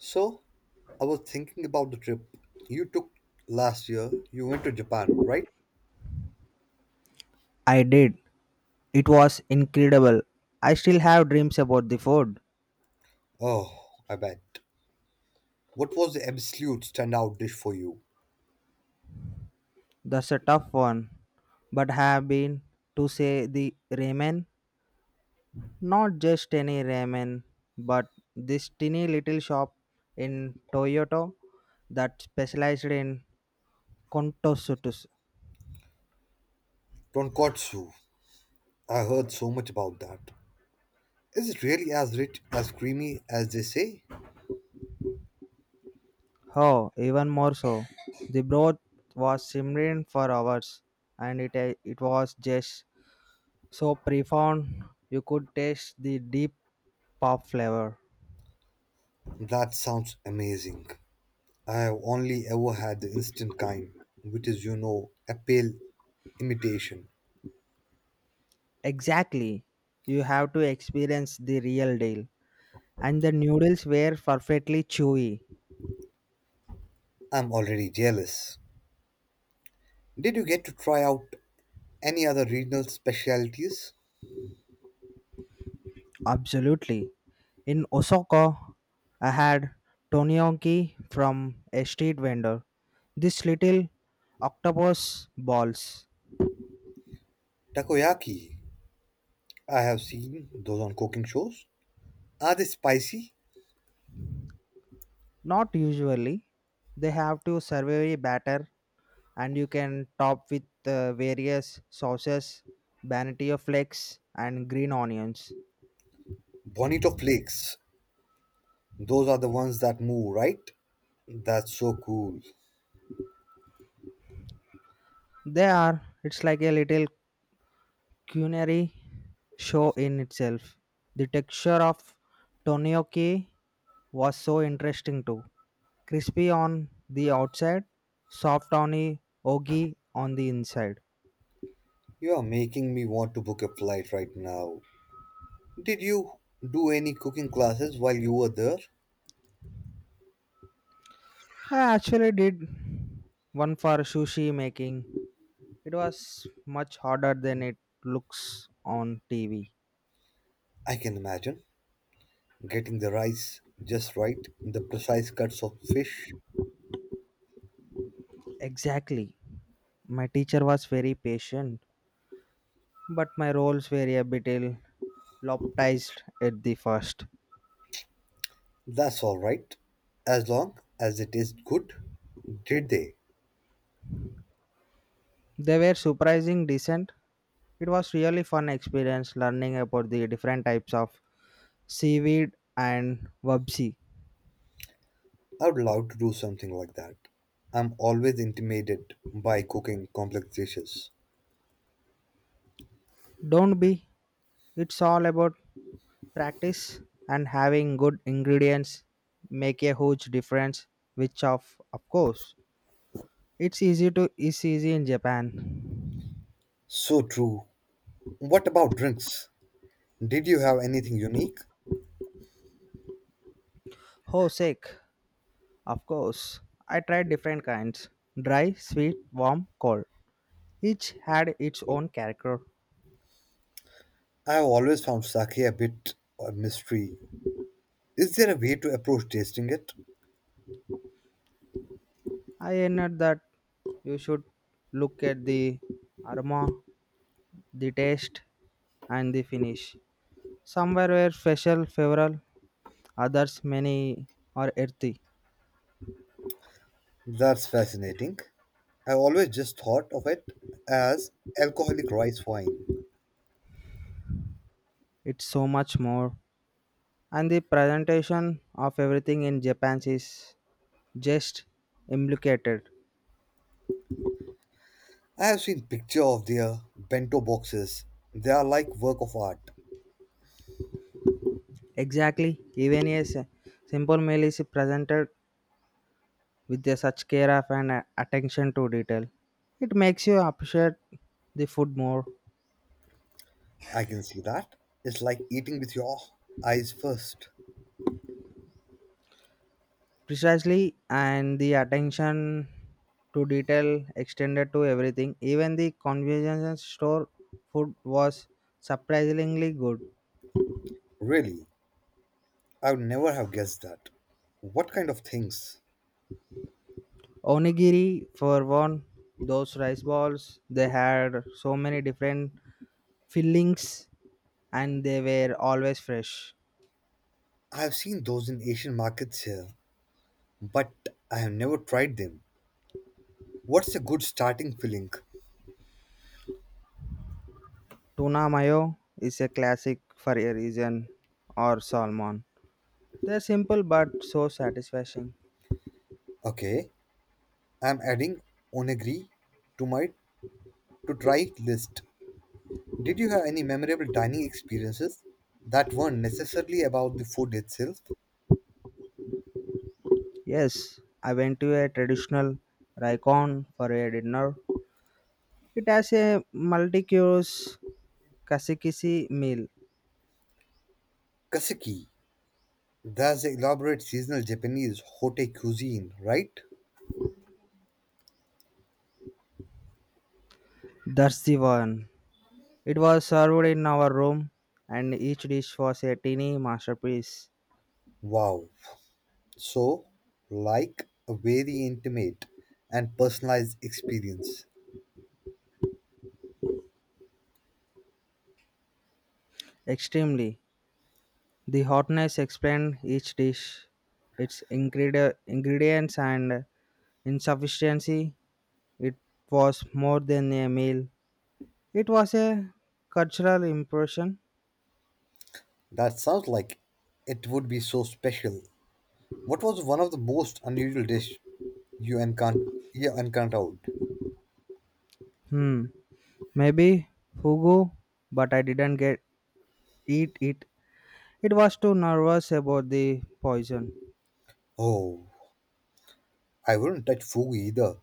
So, I was thinking about the trip you took last year. You went to Japan, right? I did. It was incredible. I still have dreams about the food. Oh, I bet. What was the absolute standout dish for you? That's a tough one. But have been to say the ramen, not just any ramen, but this tiny little shop in Toyota that specialized in kontosutus. Tonkotsu. I heard so much about that. Is it really as rich, as creamy as they say? Oh, even more so. The broth was simmering for hours and it was just so profound you could taste the deep pop flavor. That sounds amazing. I have only ever had the instant kind, which is, a pale imitation. Exactly. You have to experience the real deal. And the noodles were perfectly chewy. I'm already jealous. Did you get to try out any other regional specialties? Absolutely. In Osaka, I had tonyoki from a street vendor. This little octopus balls. Takoyaki. I have seen those on cooking shows. Are they spicy? Not usually. They have to survey batter and you can top with various sauces, banana flakes and green onions. Bonito flakes. Those are the ones that move, right? That's so cool. They are, it's like a little culinary show in itself. The texture of tonioke was so interesting too. Crispy on the outside, soft on the ogi on the inside. You are making me want to book a flight right now. Did you do any cooking classes while you were there? I actually did one for sushi making. It was much harder than it looks on TV. I can imagine. Getting the rice just right, the precise cuts of fish. Exactly. My teacher was very patient, but my roles were a bit ill lopsided at the first. That's all right. As long as it is good. Did they? They were surprising decent. It was really fun experience learning about the different types of seaweed and wabsi. I would love to do something like that. I'm always intimidated by cooking complex dishes. Don't be. It's all about practice and having good ingredients make a huge difference which of course it's easy in Japan. So true. What about drinks? Did you have anything unique? Oh sick, of course I tried different kinds, dry, sweet, warm, cold. Each had its own character. I have always found sake a bit a mystery. Is there a way to approach tasting it? I admit that you should look at the aroma, the taste, and the finish. Somewhere were special, favorable, others many are earthy. That's fascinating. I always just thought of it as alcoholic rice wine. It's so much more. And the presentation of everything in Japan is just implicated. I have seen pictures of their bento boxes. They are like work of art. Exactly, even simple meal is presented with a such care of and attention to detail. It makes you appreciate the food more. I can see that. It's like eating with your eyes first. Precisely, and the attention to detail extended to everything. Even the convenience store food was surprisingly good. Really, I would never have guessed that. What kind of things? Onigiri, for one, those rice balls, they had so many different fillings and they were always fresh. I have seen those in Asian markets here, but I have never tried them. What's a good starting filling? Tuna mayo is a classic for a reason, or salmon. They're simple but so satisfying. Okay, I'm adding onigiri to my to try list. Did you have any memorable dining experiences that weren't necessarily about the food itself? Yes, I went to a traditional Raikon for a dinner. It has a multi course kasikisi meal. Kaseki, that's the elaborate seasonal Japanese hote cuisine, right? That's the one. It was served in our room, and each dish was a teeny masterpiece. Wow, so, like a very intimate and personalized experience. Extremely. The hotness explained each dish, its ingredients, and insufficiency. It was more than a meal, it was a cultural impression. That sounds like it would be so special. What was one of the most unusual dish you encountered? You encountered? Hmm. Maybe Fugu, but I didn't get eat it. It was too nervous about the poison. Oh, I wouldn't touch fugu either,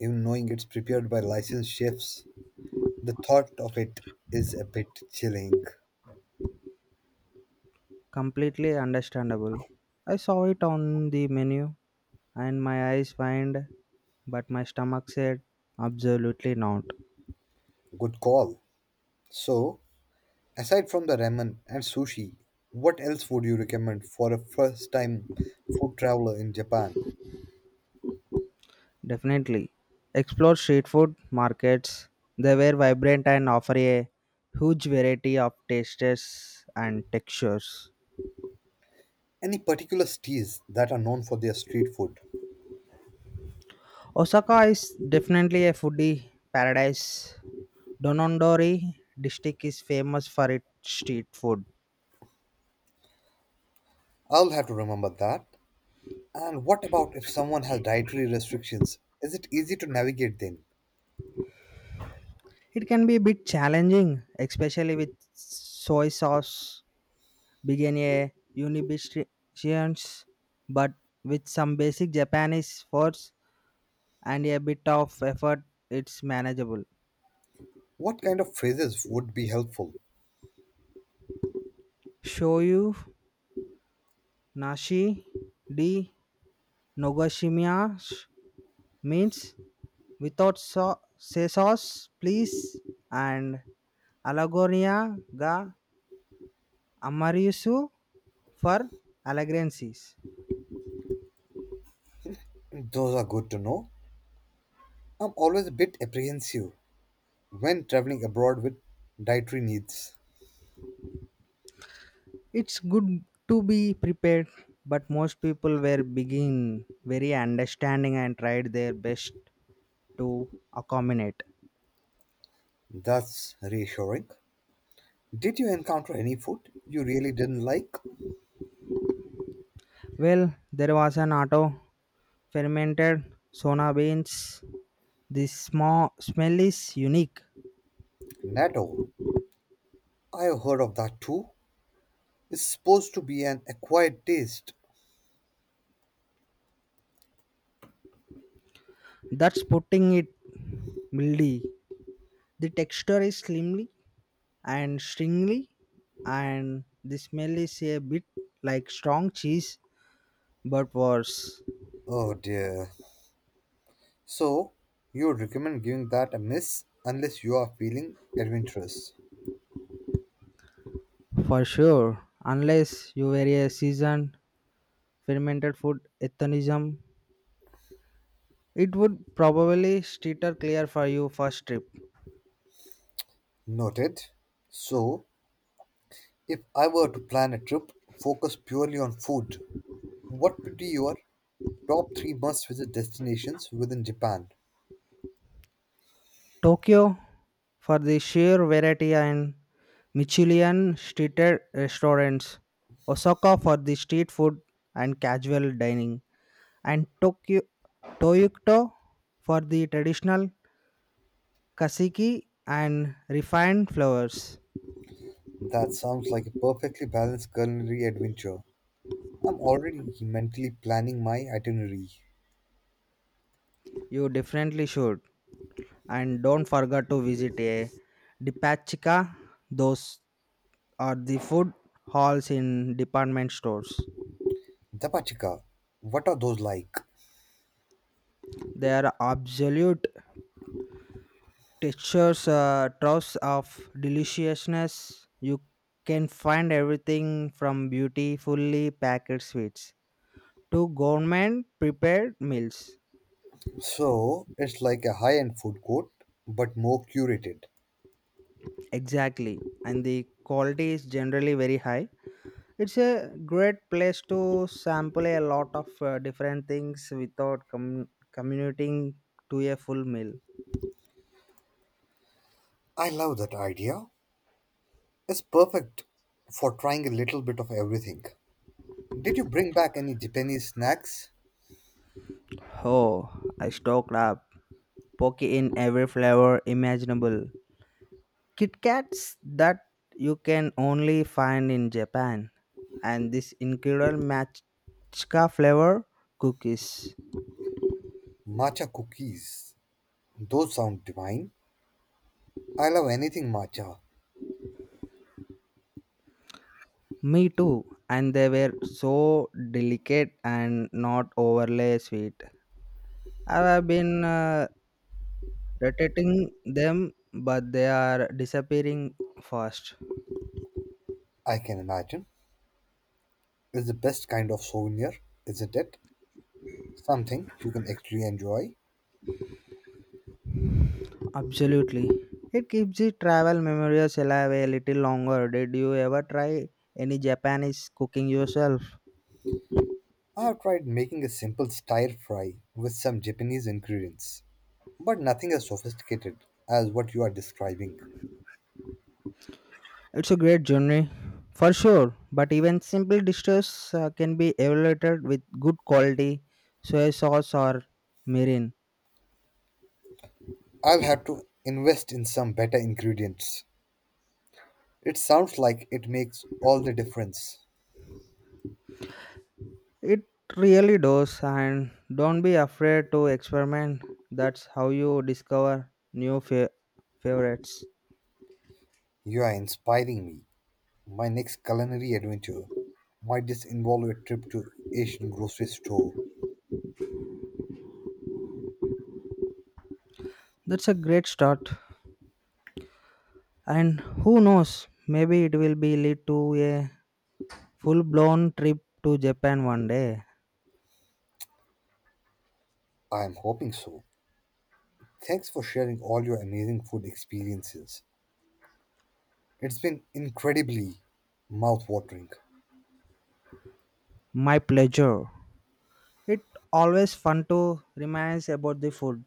even knowing it's prepared by licensed chefs. The thought of it is a bit chilling. Completely understandable. I saw it on the menu and my eyes whined, but my stomach said absolutely not. Good call. So, aside from the ramen and sushi, what else would you recommend for a first-time food traveler in Japan? Definitely. Explore street food markets. They were vibrant and offer a huge variety of tastes and textures. Any particular stees that are known for their street food? Osaka is definitely a foodie paradise. Donondori district is famous for its street food. I'll have to remember that. And what about if someone has dietary restrictions? Is it easy to navigate then? It can be a bit challenging, especially with soy sauce, being a unibistritians, but with some basic Japanese words and a bit of effort, it's manageable. What kind of phrases would be helpful? Shoyu Nashi de Nogashimiya means without say sauce, please, and Alagonia ga Amariusu for allegrancies. Those are good to know. I'm always a bit apprehensive when traveling abroad with dietary needs. It's good to be prepared, but most people were begin very understanding and tried their best to accommodate. That's reassuring. Did you encounter any food you really didn't like? Well, there was an auto fermented sona beans. The small smell is unique. Natto. I've heard of that too. It's supposed to be an acquired taste. That's putting it mildly. The texture is slimly and stringy, and the smell is a bit like strong cheese, but worse. Oh dear. So, you would recommend giving that a miss unless you are feeling adventurous. For sure, unless you were a seasoned fermented food ethnism, it would probably steer clear for you first trip. Noted. So, if I were to plan a trip focused purely on food, what would be your top three must visit destinations within Japan? Tokyo, for the sheer variety and Michelin streeted restaurants, Osaka for the street food and casual dining, and Tokyo Toyota for the traditional kasiki and refined flowers. That sounds like a perfectly balanced culinary adventure. I'm already mentally planning my itinerary. You definitely should. And don't forget to visit a Dipachika. Those are the food halls in department stores. Dabachika, what are those like? They are absolute textures, troves of deliciousness. You can find everything from beautifully packed sweets to gourmet prepared meals. So, it's like a high end food court, but more curated. Exactly, and the quality is generally very high. It's a great place to sample a lot of different things without commuting to a full meal. I love that idea. It's perfect for trying a little bit of everything. Did you bring back any Japanese snacks? Oh, I stocked up. Poke in every flavor imaginable. Kit Kats that you can only find in Japan. And this incredible matcha flavor cookies. Matcha cookies. Those sound divine. I love anything matcha. Me too. And they were so delicate and not overly sweet. I have been rotating them, but they are disappearing fast. I can imagine. It's the best kind of souvenir, isn't it? Something you can actually enjoy. Absolutely, it keeps the travel memories alive a little longer. Did you ever try any Japanese cooking yourself? I have tried making a simple stir fry with some Japanese ingredients, but nothing as sophisticated as what you are describing. It's a great journey for sure, but even simple dishes can be evaluated with good quality soy sauce or mirin. I'll have to invest in some better ingredients. It sounds like it makes all the difference. It really does. And don't be afraid to experiment. That's how you discover new fa- favorites. You are inspiring me. My next culinary adventure might just involve a trip to Asian grocery store. That's a great start. And who knows, maybe it will be lead to a full blown trip to Japan one day. I am hoping so. Thanks for sharing all your amazing food experiences. It's been incredibly mouth-watering. My pleasure. It always fun to reminisce about the food.